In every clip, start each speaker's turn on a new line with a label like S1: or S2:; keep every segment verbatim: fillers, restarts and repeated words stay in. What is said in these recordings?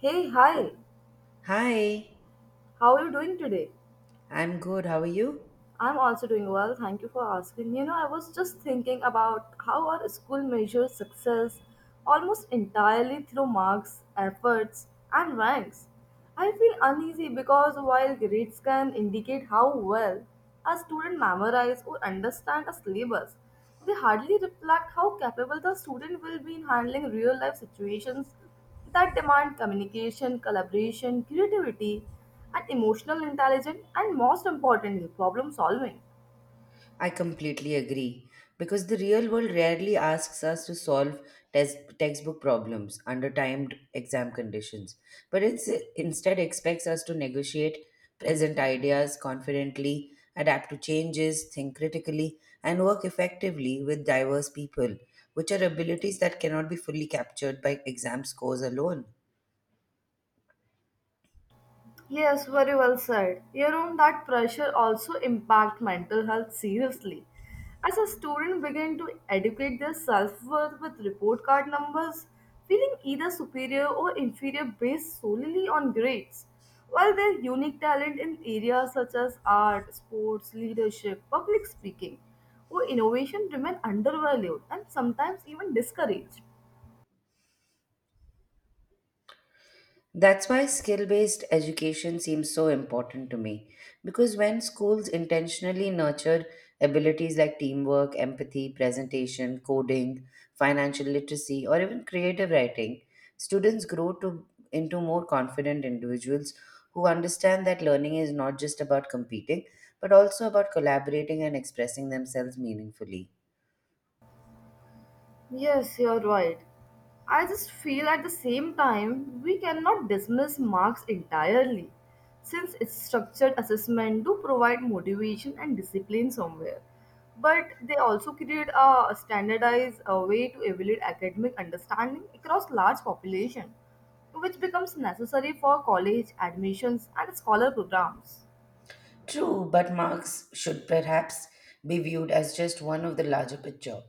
S1: Hey, hi.
S2: Hi,
S1: How are you doing today?
S2: I'm good. How are you?
S1: I'm also doing well. Thank you for asking. You know, I was just thinking about how our school measures success almost entirely through marks, efforts, and ranks. I feel uneasy because while grades can indicate how well a student memorizes or understands a syllabus, they hardly reflect how capable the student will be in handling real life situations that demand communication, collaboration, creativity, and emotional intelligence, and most importantly, problem solving.
S2: I completely agree because the real world rarely asks us to solve test textbook problems under timed exam conditions, but it's, instead expects us to negotiate present ideas confidently, adapt to changes, think critically, and work effectively with diverse people, which are abilities that cannot be fully captured by exam scores alone.
S1: Yes, very well said. You know, that pressure also impact mental health seriously. As a student begin to educate their self-worth with report card numbers, feeling either superior or inferior based solely on grades, while their unique talent in areas such as art, sports, leadership, public speaking, or innovation remain undervalued and sometimes even discouraged.
S2: That's why skill based education seems so important to me because when schools intentionally nurtured abilities like teamwork, empathy, presentation, coding, financial literacy, or even creative writing, students grow to, into more confident individuals who understand that learning is not just about competing but also about collaborating and expressing themselves meaningfully.
S1: Yes, you're right. I just feel at the same time we cannot dismiss marks entirely since its structured assessment do provide motivation and discipline somewhere, but they also create a standardized uh, way to evaluate academic understanding across large population, which becomes necessary for college admissions and scholar programs.
S2: True, but Marx should perhaps be viewed as just one of the larger picture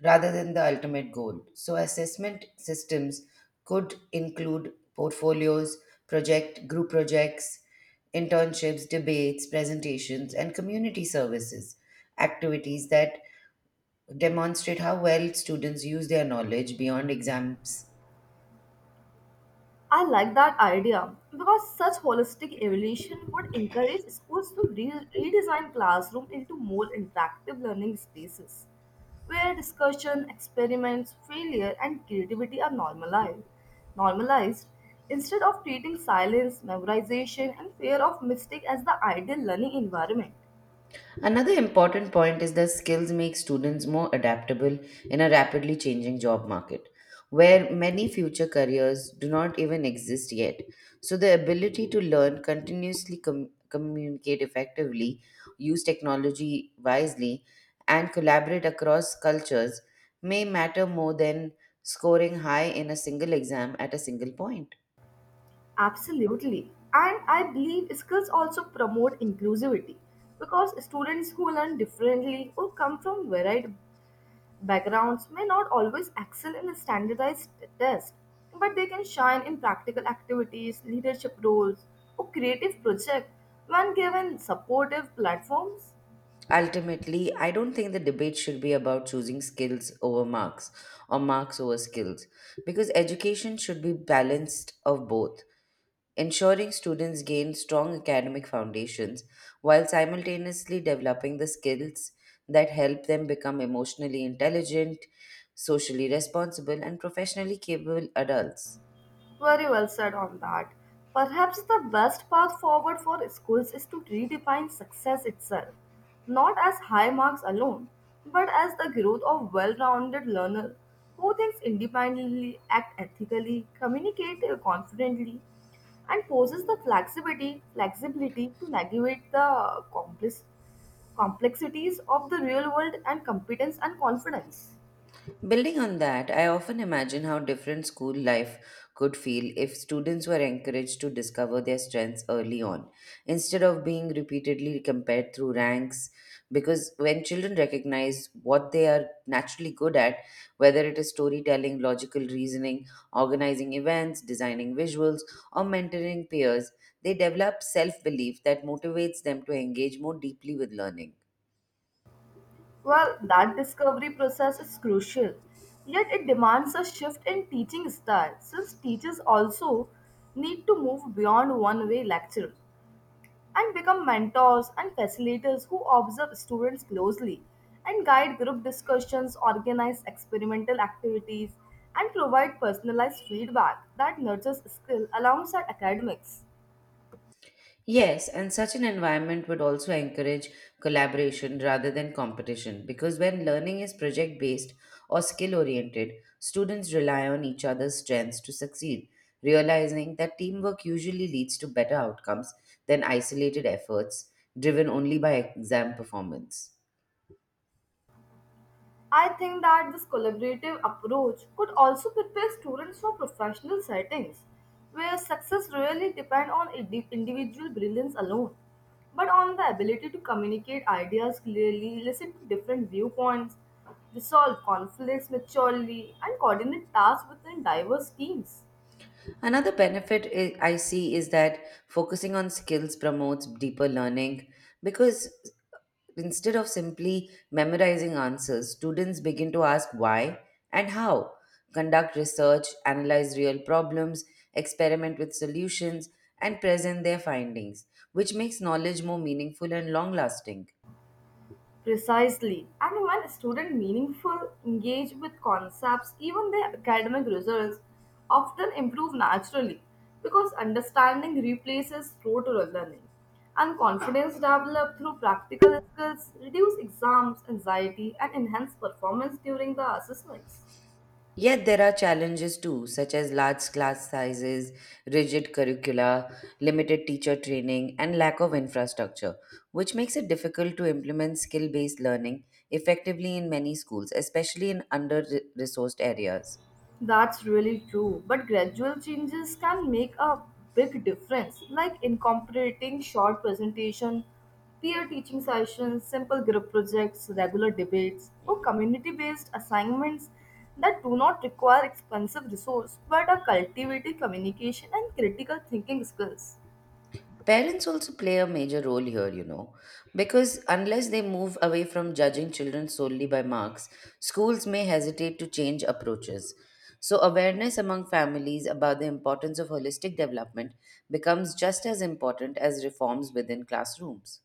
S2: rather than the ultimate goal. So, assessment systems could include portfolios, project group projects, internships, debates, presentations, and community services activities that demonstrate how well students use their knowledge beyond exams.
S1: I like that idea because such holistic evaluation would encourage schools to re- redesign classroom into more interactive learning spaces where discussion, experiments, failure and creativity are normalized. Normalized instead of treating silence, memorization and fear of mistake as the ideal learning environment.
S2: Another important point is that skills make students more adaptable in a rapidly changing job market, where many future careers do not even exist yet. So, the ability to learn, continuously com- communicate effectively, use technology wisely, and collaborate across cultures may matter more than scoring high in a single exam at a single point.
S1: Absolutely. And I believe skills also promote inclusivity because students who learn differently or come from varied backgrounds may not always excel in a standardized test, but they can shine in practical activities, leadership roles, or creative projects when given supportive platforms.
S2: Ultimately, I don't think the debate should be about choosing skills over marks or marks over skills because education should be balanced of both, ensuring students gain strong academic foundations while simultaneously developing the skills that help them become emotionally intelligent, socially responsible, and professionally capable adults.
S1: Very well said on that. Perhaps the best path forward for schools is to redefine success itself, not as high marks alone, but as the growth of well-rounded learner who thinks independently, act ethically, communicate confidently, and poses the flexibility flexibility to navigate the complex complexities of the real world and competence and confidence.
S2: Building on that, I often imagine how different school life could feel if students were encouraged to discover their strengths early on, instead of being repeatedly compared through ranks. Because when children recognize what they are naturally good at, whether it is storytelling, logical reasoning, organizing events, designing visuals, or mentoring peers, they develop self belief that motivates them to engage more deeply with learning.
S1: Well, that discovery process is crucial, yet it demands a shift in teaching style since teachers also need to move beyond one way lectures and become mentors and facilitators who observe students closely and guide group discussions, organize experimental activities, and provide personalized feedback that nurtures skill alongside academics.
S2: Yes, and such an environment would also encourage collaboration rather than competition because when learning is project based or skill oriented, students rely on each other's strengths to succeed, realizing that teamwork usually leads to better outcomes than isolated efforts driven only by exam performance.
S1: I think that this collaborative approach could also prepare students for professional settings where success really depends on indi- individual brilliance alone, but on the ability to communicate ideas clearly, listen to different viewpoints, resolve conflicts maturely, and coordinate tasks within diverse teams.
S2: Another benefit I I see is that focusing on skills promotes deeper learning because instead of simply memorizing answers, students begin to ask why and how, conduct research, analyze real problems, experiment with solutions, and present their findings, which makes knowledge more meaningful and long lasting.
S1: Precisely. And when students meaningful engage with concepts, even their academic results often improve naturally because understanding replaces rote learning. And confidence developed through practical skills reduce exams anxiety and enhance performance during the assessments.
S2: Yet there are challenges too, such as large class sizes, rigid curricula, limited teacher training, and lack of infrastructure, which makes it difficult to implement skill based learning effectively in many schools, especially in under resourced areas.
S1: That's really true. But gradual changes can make a big difference, like incorporating short presentation, peer teaching sessions, simple group projects, regular debates, or community-based assignments that do not require expensive resource but are cultivating communication and critical thinking skills.
S2: Parents also play a major role here, you know, because unless they move away from judging children solely by marks, schools may hesitate to change approaches. So, awareness among families about the importance of holistic development becomes just as important as reforms within classrooms.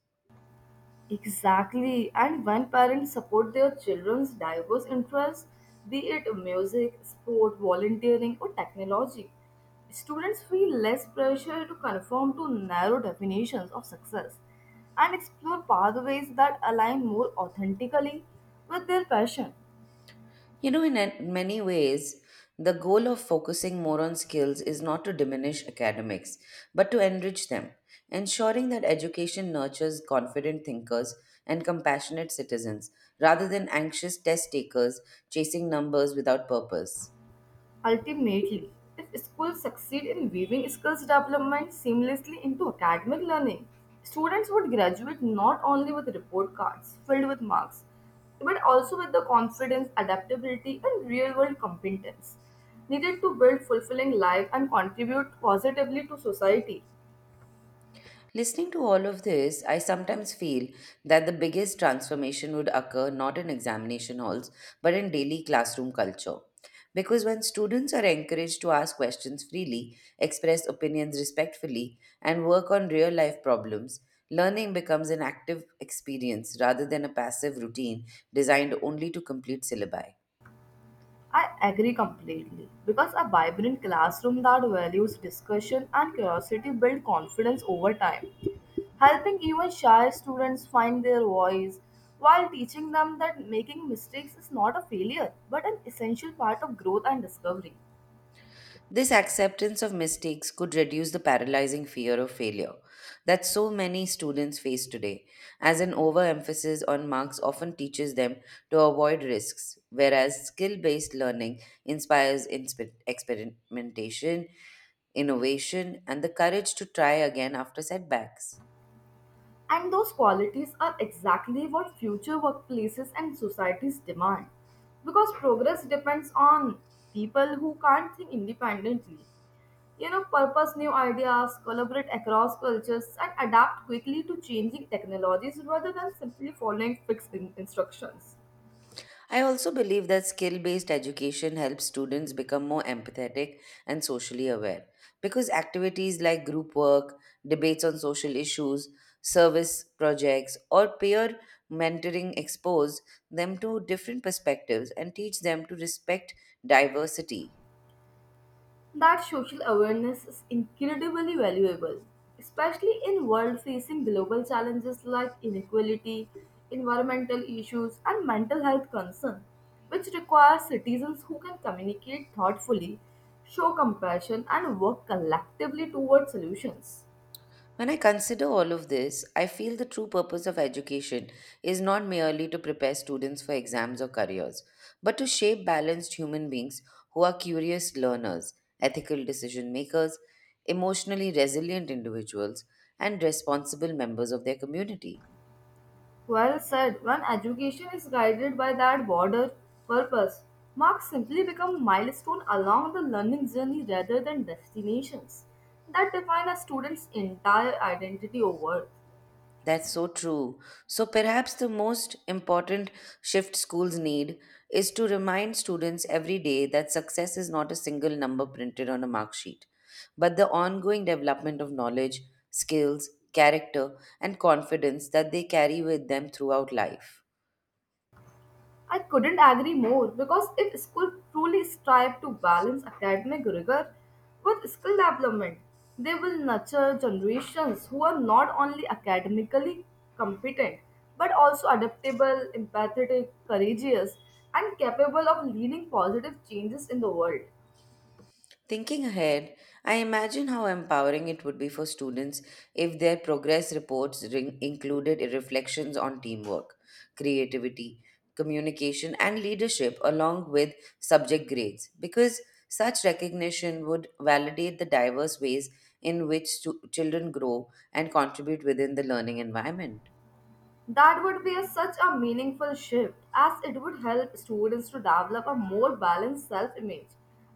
S1: Exactly. And when parents support their children's diverse interests, be it music, sport, volunteering, or technology, students feel less pressure to conform to narrow definitions of success and explore pathways that align more authentically with their passion.
S2: You know, in an- many ways, the goal of focusing more on skills is not to diminish academics, but to enrich them, ensuring that education nurtures confident thinkers and compassionate citizens rather than anxious test takers chasing numbers without purpose.
S1: Ultimately, if schools succeed in weaving skills development seamlessly into academic learning, students would graduate not only with report cards filled with marks, but also with the confidence, adaptability, and real world competence needed to build fulfilling life and contribute positively to society.
S2: Listening to all of this, I sometimes feel that the biggest transformation would occur not in examination halls, but in daily classroom culture. Because when students are encouraged to ask questions freely, express opinions respectfully, and work on real life problems, learning becomes an active experience rather than a passive routine designed only to complete syllabi.
S1: I agree completely because a vibrant classroom that values discussion and curiosity builds confidence over time, helping even shy students find their voice while teaching them that making mistakes is not a failure but an essential part of growth and discovery.
S2: This acceptance of mistakes could reduce the paralyzing fear of failure that so many students face today, as an overemphasis on marks often teaches them to avoid risks, whereas skill based learning inspires inspe- experimentation, innovation, and the courage to try again after setbacks.
S1: And those qualities are exactly what future workplaces and societies demand because progress depends on people who can't think independently, You know, purpose new ideas, collaborate across cultures, and adapt quickly to changing technologies rather than simply following fixed in- instructions.
S2: I also believe that skill based education helps students become more empathetic and socially aware because activities like group work, debates on social issues, service projects, or peer mentoring expose them to different perspectives and teach them to respect diversity.
S1: That social awareness is incredibly valuable, especially in world facing global challenges like inequality, environmental issues, and mental health concern, which require citizens who can communicate thoughtfully, show compassion, and work collectively towards solutions.
S2: When I consider all of this, I feel the true purpose of education is not merely to prepare students for exams or careers, but to shape balanced human beings who are curious learners, ethical decision makers, emotionally resilient individuals, and responsible members of their community.
S1: Well said. When education is guided by that broader purpose, marks simply become milestones along the learning journey rather than destinations that define a student's entire identity or worth.
S2: That's so true. So, perhaps the most important shift schools need is to remind students every day that success is not a single number printed on a mark sheet, but the ongoing development of knowledge, skills, character, and confidence that they carry with them throughout life.
S1: I couldn't agree more because if schools truly strive to balance academic rigor with skill development, they will nurture generations who are not only academically competent but also adaptable, empathetic, courageous, and capable of leading positive changes in the world.
S2: Thinking ahead, I imagine how empowering it would be for students if their progress reports ring- included reflections on teamwork, creativity, communication, and leadership, along with subject grades, because such recognition would validate the diverse ways in which stu- children grow and contribute within the learning environment.
S1: That would be a, such a meaningful shift as it would help students to develop a more balanced self image.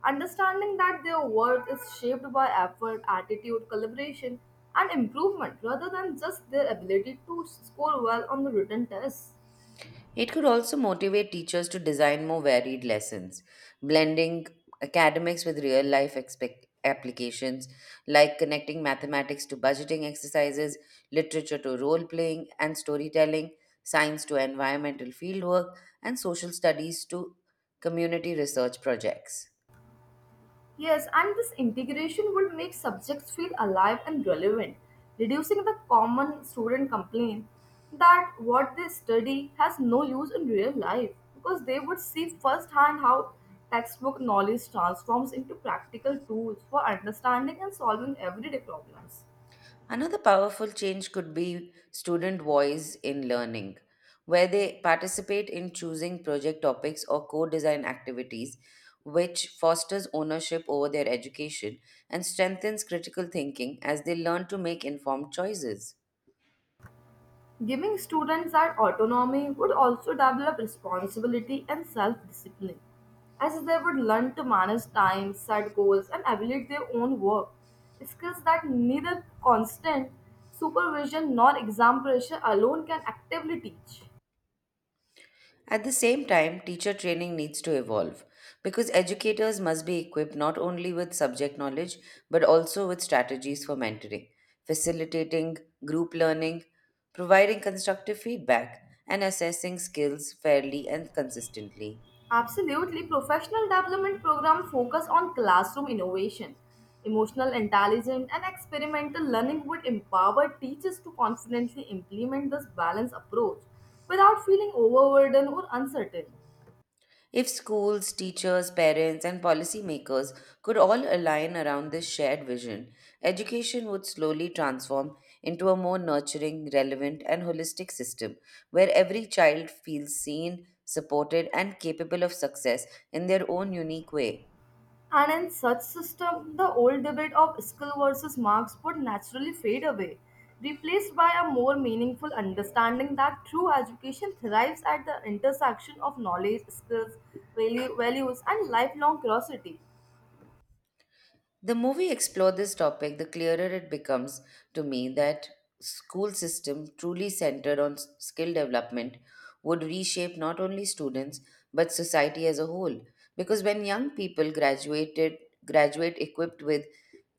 S1: Understanding that their worth is shaped by effort, attitude, collaboration, and improvement rather than just their ability to score well on the written tests.
S2: It could also motivate teachers to design more varied lessons, blending academics with real life expec applications, like connecting mathematics to budgeting exercises, literature to role playing and storytelling, science to environmental fieldwork, and social studies to community research projects.
S1: Yes, and this integration would make subjects feel alive and relevant, reducing the common student complaint that what they study has no use in real life because they would see firsthand how textbook knowledge transforms into practical tools for understanding and solving everyday problems.
S2: Another powerful change could be student voice in learning, where they participate in choosing project topics or co design activities, which fosters ownership over their education and strengthens critical thinking as they learn to make informed choices.
S1: Giving students that autonomy would also develop responsibility and self discipline, as they would learn to manage time, set goals, and evaluate their own work. Skills that neither constant supervision nor exam pressure alone can actively teach.
S2: At the same time, teacher training needs to evolve because educators must be equipped not only with subject knowledge but also with strategies for mentoring, facilitating group learning, providing constructive feedback, and assessing skills fairly and consistently.
S1: Absolutely, professional development programs focus on classroom innovation, emotional intelligence, and experimental learning would empower teachers to confidently implement this balanced approach without feeling overburdened or uncertain.
S2: If schools, teachers, parents, and policymakers could all align around this shared vision, education would slowly transform into a more nurturing, relevant, and holistic system where every child feels seen, supported, and capable of success in their own unique way.
S1: And in such system, the old debate of skill versus marks would naturally fade away, replaced by a more meaningful understanding that true education thrives at the intersection of knowledge, skills, value, values, and lifelong curiosity.
S2: The more we explore this topic, the clearer it becomes to me that school system truly centered on s- skill development would reshape not only students but society as a whole. Because when young people graduated graduate equipped with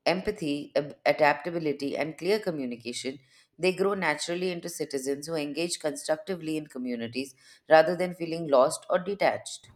S2: empathy, ab- adaptability, and clear communication, they grow naturally into citizens who engage constructively in communities rather than feeling lost or detached.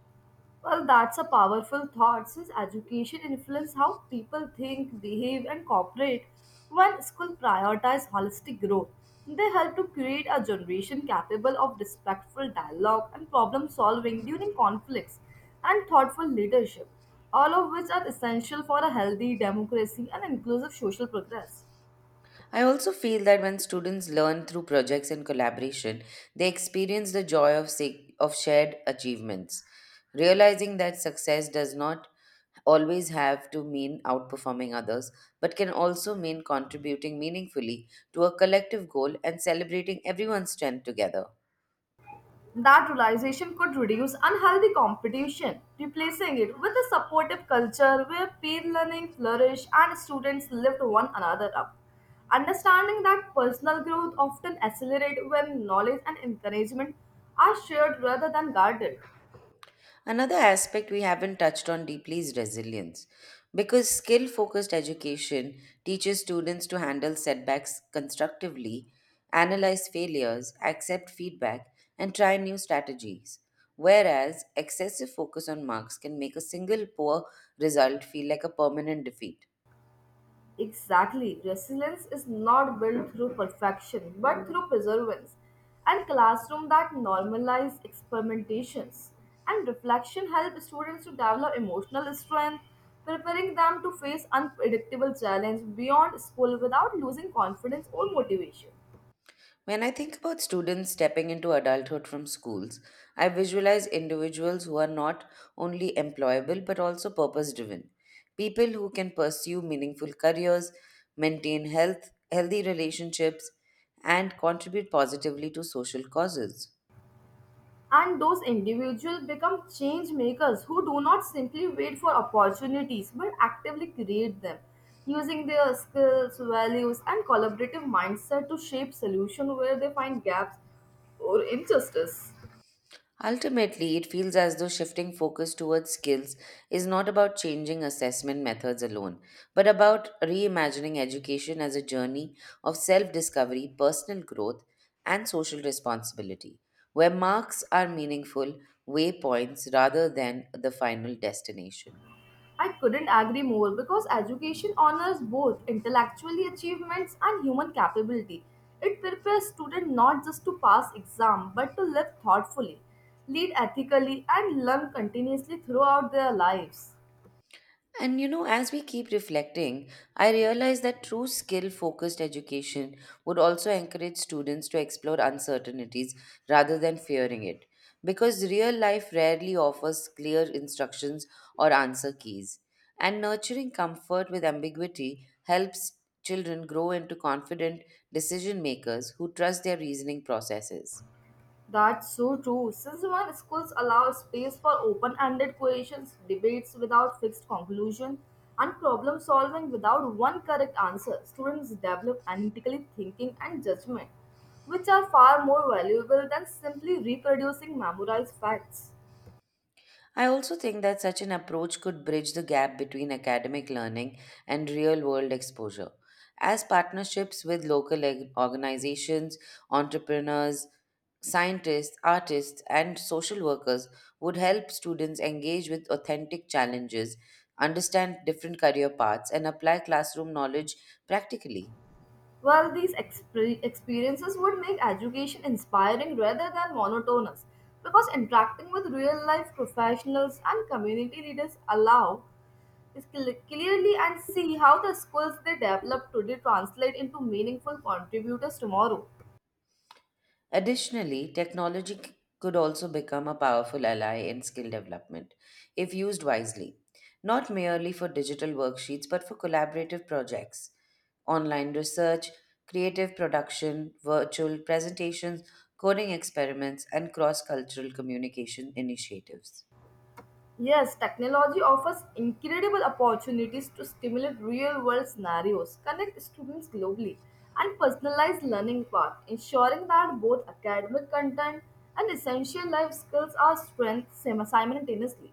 S1: Well, that's a powerful thought since education influences how people think, behave, and cooperate. When schools prioritize holistic growth, they help to create a generation capable of respectful dialogue and problem solving during conflicts and thoughtful leadership, all of which are essential for a healthy democracy and inclusive social progress.
S2: I also feel that when students learn through projects and collaboration, they experience the joy of, sa- of shared achievements, realizing that success does not always have to mean outperforming others, but can also mean contributing meaningfully to a collective goal and celebrating everyone's strength together.
S1: That realization could reduce unhealthy competition, replacing it with a supportive culture where peer learning flourishes and students lift one another up. Understanding that personal growth often accelerates when knowledge and encouragement are shared rather than guarded.
S2: Another aspect we haven't touched on deeply is resilience. Because skill focused education teaches students to handle setbacks constructively, analyze failures, accept feedback, and try new strategies. Whereas excessive focus on marks can make a single poor result feel like a permanent defeat.
S1: Exactly. Resilience is not built through perfection, but through perseverance. And classroom that normalize experimentations and reflection help students to develop emotional strength, preparing them to face unpredictable challenge beyond school without losing confidence or motivation.
S2: When I think about students stepping into adulthood from schools, I visualize individuals who are not only employable but also purpose driven. People who can pursue meaningful careers, maintain health, healthy relationships, and contribute positively to social causes.
S1: And those individuals become change makers who do not simply wait for opportunities but actively create them using their skills values and collaborative mindset to shape solutions where they find gaps or injustice.
S2: Ultimately, it feels as though shifting focus towards skills is not about changing assessment methods alone, but about reimagining education as a journey of self discovery, personal growth, and social responsibility, where marks are meaningful waypoints rather than the final destination.
S1: I couldn't agree more because education honors both intellectually achievements and human capability. It prepares students not just to pass exam but to live thoughtfully, lead ethically and learn continuously throughout their lives.
S2: And you know, as we keep reflecting, I realize that true skill focused education would also encourage students to explore uncertainties rather than fearing it, because real life rarely offers clear instructions or answer keys. And nurturing comfort with ambiguity helps children grow into confident decision makers who trust their reasoning processes.
S1: That's so true. Since when schools allow space for open ended questions, debates without fixed conclusion, and problem solving without one correct answer, students develop analytical thinking and judgment, which are far more valuable than simply reproducing memorized facts.
S2: I also think that such an approach could bridge the gap between academic learning and real world exposure. As partnerships with local eg- organizations, entrepreneurs, scientists, artists, and social workers would help students engage with authentic challenges, understand different career paths, and apply classroom knowledge practically.
S1: Well, these exp- experiences would make education inspiring rather than monotonous because interacting with real life professionals and community leaders allow is cl- clearly and see how the skills they develop today translate into meaningful contributors tomorrow.
S2: Additionally, technology c- could also become a powerful ally in skill development if used wisely, not merely for digital worksheets but for collaborative projects, online research, creative production, virtual presentations, coding experiments, and cross cultural communication initiatives.
S1: Yes, technology offers incredible opportunities to stimulate real world scenarios, connect students globally, and personalize learning paths, ensuring that both academic content and essential life skills are strengthened sim- simultaneously.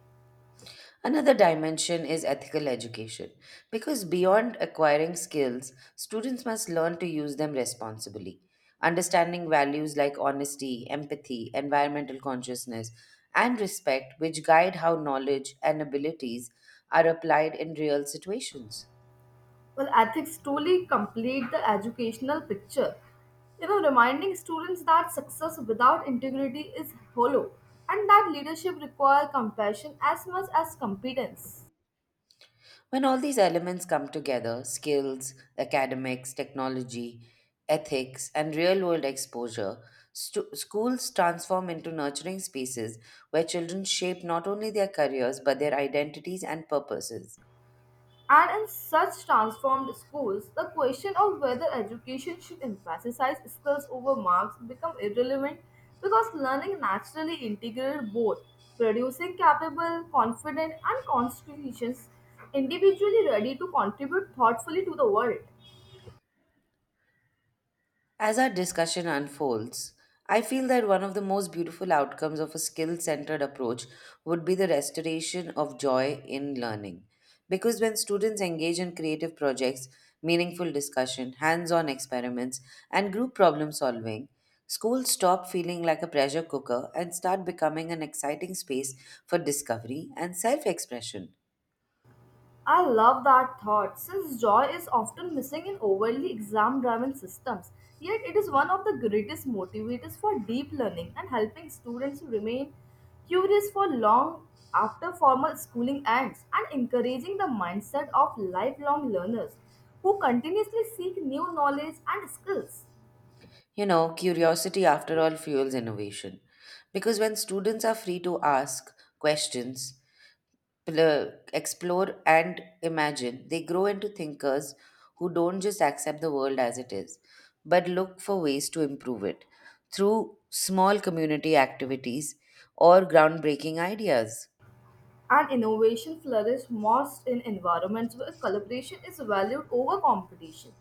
S2: Another dimension is ethical education, because beyond acquiring skills, students must learn to use them responsibly. Understanding values like honesty, empathy, environmental consciousness, and respect, which guide how knowledge and abilities are applied in real situations.
S1: Well, ethics truly complete the educational picture, you know, reminding students that success without integrity is hollow and that leadership requires compassion as much as competence.
S2: When all these elements come together skills, academics, technology, ethics, and real world exposure stu- schools transform into nurturing spaces where children shape not only their careers but their identities and purposes.
S1: And in such transformed schools, the question of whether education should emphasize skills over marks become irrelevant because learning naturally integrates both, producing capable, confident, and constitutions individually ready to contribute thoughtfully to the world.
S2: As our discussion unfolds, I feel that one of the most beautiful outcomes of a skill centered approach would be the restoration of joy in learning. Because when students engage in creative projects, meaningful discussion, hands on experiments, and group problem solving, schools stop feeling like a pressure cooker and start becoming an exciting space for discovery and self expression.
S1: I love that thought, since joy is often missing in overly exam driven systems. Yet, it is one of the greatest motivators for deep learning and helping students to remain curious for long after formal schooling ends and encouraging the mindset of lifelong learners who continuously seek new knowledge and skills.
S2: You know, curiosity, after all, fuels innovation. Because when students are free to ask questions, pl- explore and imagine. They grow into thinkers who don't just accept the world as it is, but look for ways to improve it through small community activities or groundbreaking ideas.
S1: And innovation flourishes most in environments where collaboration is valued over competition.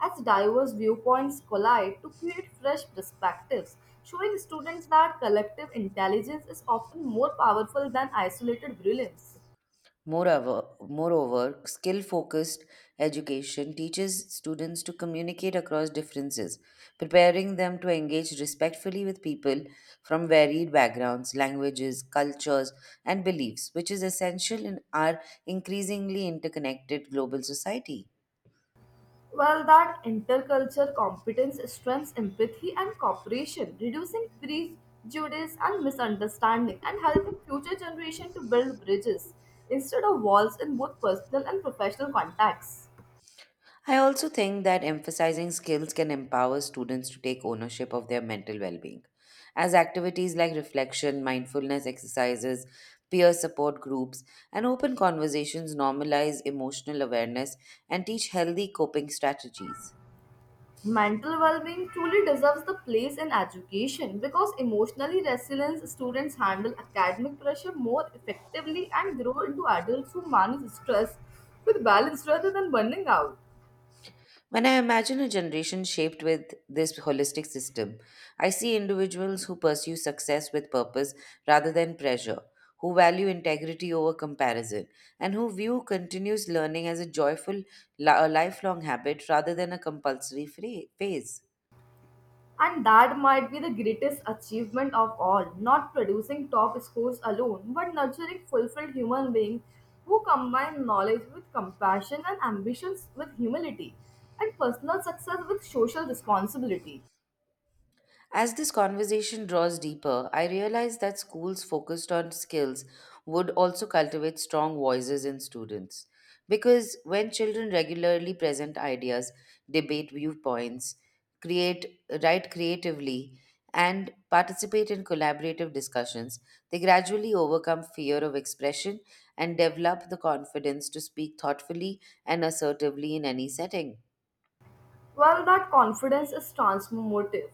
S1: As diverse viewpoints collide to create fresh perspectives, showing students that collective intelligence is often more powerful than isolated brilliance.
S2: Moreover, moreover, skill focused education teaches students to communicate across differences, preparing them to engage respectfully with people from varied backgrounds, languages, cultures, and beliefs, which is essential in our increasingly interconnected global society.
S1: Well, that intercultural competence strengthens empathy and cooperation, reducing prejudice and misunderstanding, and helping future generations to build bridges instead of walls in both personal and professional contexts.
S2: I also think that emphasizing skills can empower students to take ownership of their mental well being, as activities like reflection, mindfulness exercises, peer support groups, and open conversations normalize emotional awareness and teach healthy coping strategies.
S1: Mental well-being truly deserves the place in education because emotionally resilient students handle academic pressure more effectively and grow into adults who manage stress with balance rather than burning out.
S2: When I imagine a generation shaped with this holistic system, I see individuals who pursue success with purpose rather than pressure, who value integrity over comparison, and who view continuous learning as a joyful, li- a lifelong habit rather than a compulsory phra- phase.
S1: And that might be the greatest achievement of all, not producing top scores alone, but nurturing fulfilled human beings who combine knowledge with compassion and ambitions with humility, and personal success with social responsibility.
S2: As this conversation draws deeper, I realize that schools focused on skills would also cultivate strong voices in students. Because when children regularly present ideas, debate viewpoints, create, write creatively, and participate in collaborative discussions, they gradually overcome fear of expression and develop the confidence to speak thoughtfully and assertively in any setting.
S1: Well, that confidence is transformative,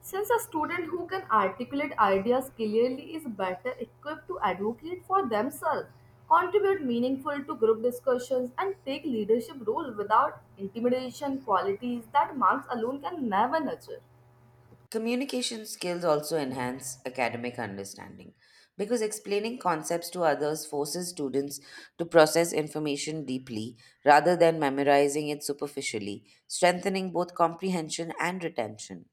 S1: since a student who can articulate ideas clearly is better equipped to advocate for themselves, contribute meaningful to group discussions, and take leadership role without intimidation qualities that marks alone can never nurture.
S2: Communication skills also enhance academic understanding because explaining concepts to others forces students to process information deeply rather than memorizing it superficially, strengthening both comprehension and retention.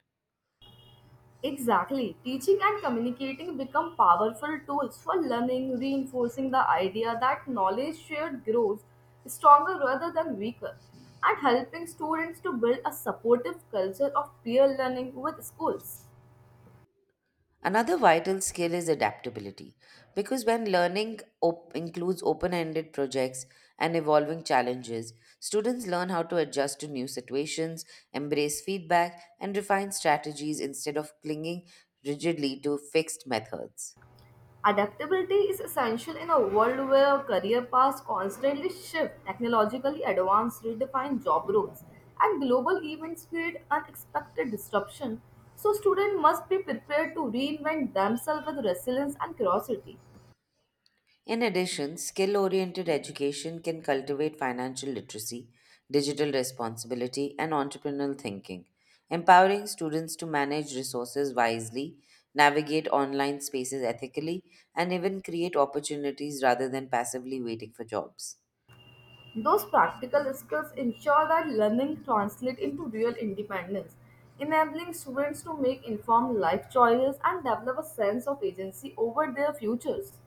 S1: Exactly. Teaching and communicating become powerful tools for learning, reinforcing the idea that knowledge shared grows stronger rather than weaker, and helping students to build a supportive culture of peer learning with schools.
S2: Another vital skill is adaptability, because when learning op- includes open ended projects and evolving challenges, students learn how to adjust to new situations, embrace feedback, and refine strategies instead of clinging rigidly to fixed methods.
S1: Adaptability is essential in a world where career paths constantly shift, technologically advanced redefine job roles, and global events create unexpected disruption. So, students must be prepared to reinvent themselves with resilience and curiosity.
S2: In addition, skill oriented education can cultivate financial literacy, digital responsibility, and entrepreneurial thinking, empowering students to manage resources wisely, navigate online spaces ethically, and even create opportunities rather than passively waiting for jobs.
S1: Those practical skills ensure that learning translates into real independence, enabling students to make informed life choices and develop a sense of agency over their futures.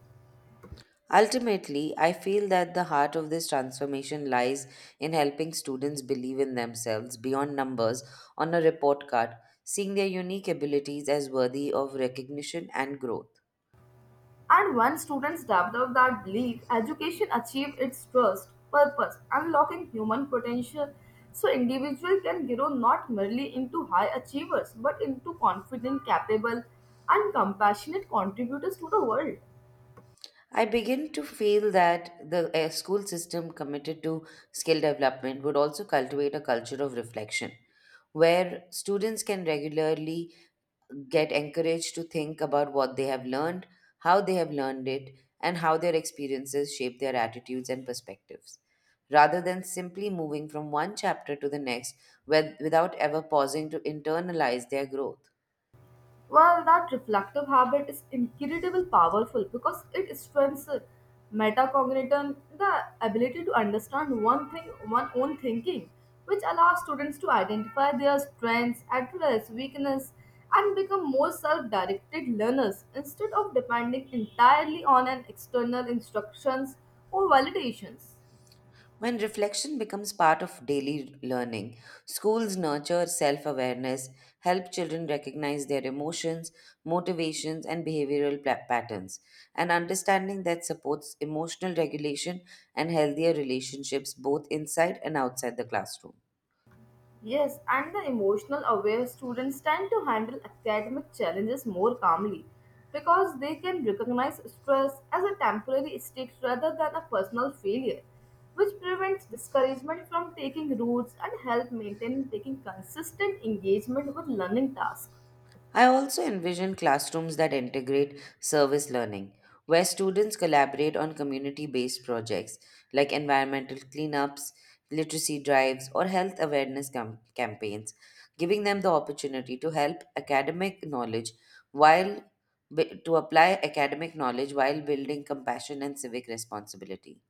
S2: Ultimately, I feel that the heart of this transformation lies in helping students believe in themselves beyond numbers on a report card, seeing their unique abilities as worthy of recognition and growth.
S1: And once students develop that belief, education achieves its trust, purpose, unlocking human potential so individual can grow not merely into high achievers but into confident, capable and compassionate contributors to the world.
S2: I begin to feel that the uh, school system committed to skill development would also cultivate a culture of reflection, where students can regularly get encouraged to think about what they have learned, how they have learned it, and how their experiences shape their attitudes and perspectives, rather than simply moving from one chapter to the next with- without ever pausing to internalize their growth.
S1: Well, that reflective habit is incredibly powerful because it strengthens metacognition, the ability to understand one thing, one own thinking, which allows students to identify their strengths, address weakness, and become more self-directed learners instead of depending entirely on an external instructions or validations.
S2: When reflection becomes part of daily learning, schools nurture self awareness, help children recognize their emotions, motivations, and behavioral pla- patterns. An understanding that supports emotional regulation and healthier relationships both inside and outside the classroom.
S1: Yes, and the emotional aware students tend to handle academic challenges more calmly because they can recognize stress as a temporary state rather than a personal failure, which prevents discouragement from taking roots and help maintain taking consistent engagement with learning tasks.
S2: I also envision classrooms that integrate service learning, where students collaborate on community based projects like environmental cleanups, literacy drives, or health awareness cam- campaigns, giving them the opportunity to help academic knowledge while bu- to apply academic knowledge while building compassion and civic responsibility.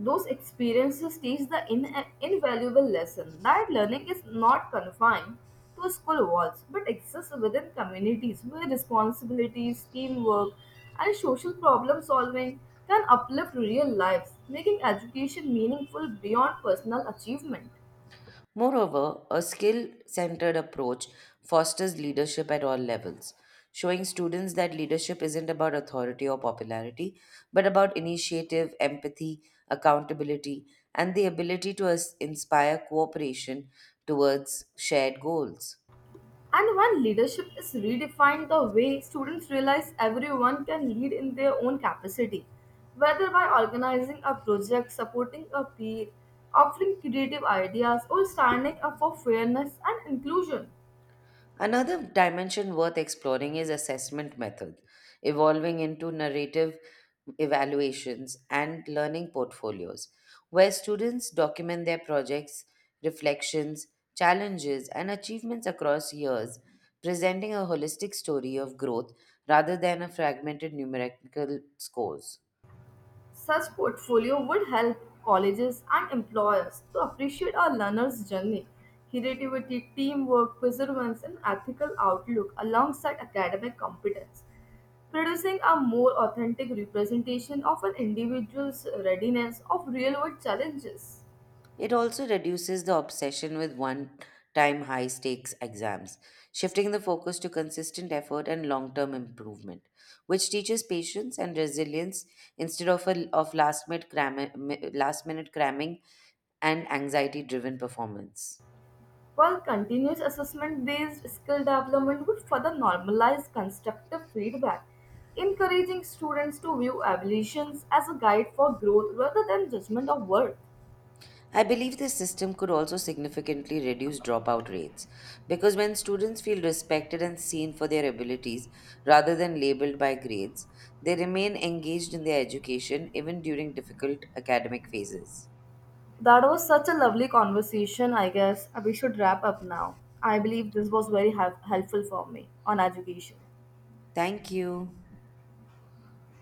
S1: Those experiences teach the in- invaluable lesson that learning is not confined to school walls but exists within communities where responsibilities, teamwork, and social problem solving can uplift real lives, making education meaningful beyond personal achievement.
S2: Moreover, a skill centered approach fosters leadership at all levels, showing students that leadership isn't about authority or popularity, but about initiative, empathy, accountability, and the ability to us- inspire cooperation towards shared goals.
S1: And when leadership is redefined the way students realize everyone can lead in their own capacity, whether by organizing a project, supporting a peer, offering creative ideas, or standing up for fairness and inclusion.
S2: Another dimension worth exploring is assessment method, evolving into narrative evaluations and learning portfolios, where students document their projects, reflections, challenges, and achievements across years, presenting a holistic story of growth rather than a fragmented numerical scores.
S1: Such portfolio would help colleges and employers to appreciate our learner's journey, creativity, teamwork, perseverance, and ethical outlook alongside academic competence, producing a more authentic representation of an individual's readiness of real-world challenges.
S2: It also reduces the obsession with one time high stakes exams, shifting the focus to consistent effort and long term improvement, which teaches patience and resilience instead of, a, of last minute cramming, last minute cramming and anxiety driven performance.
S1: While continuous assessment-based skill development would further normalize constructive feedback, encouraging students to view evaluations as a guide for growth rather than judgment of worth.
S2: I believe this system could also significantly reduce dropout rates because when students feel respected and seen for their abilities rather than labeled by grades, they remain engaged in their education even during difficult academic phases.
S1: That was such a lovely conversation, I guess. Uh, We should wrap up now. I believe this was very hel- helpful for me on education.
S2: Thank you.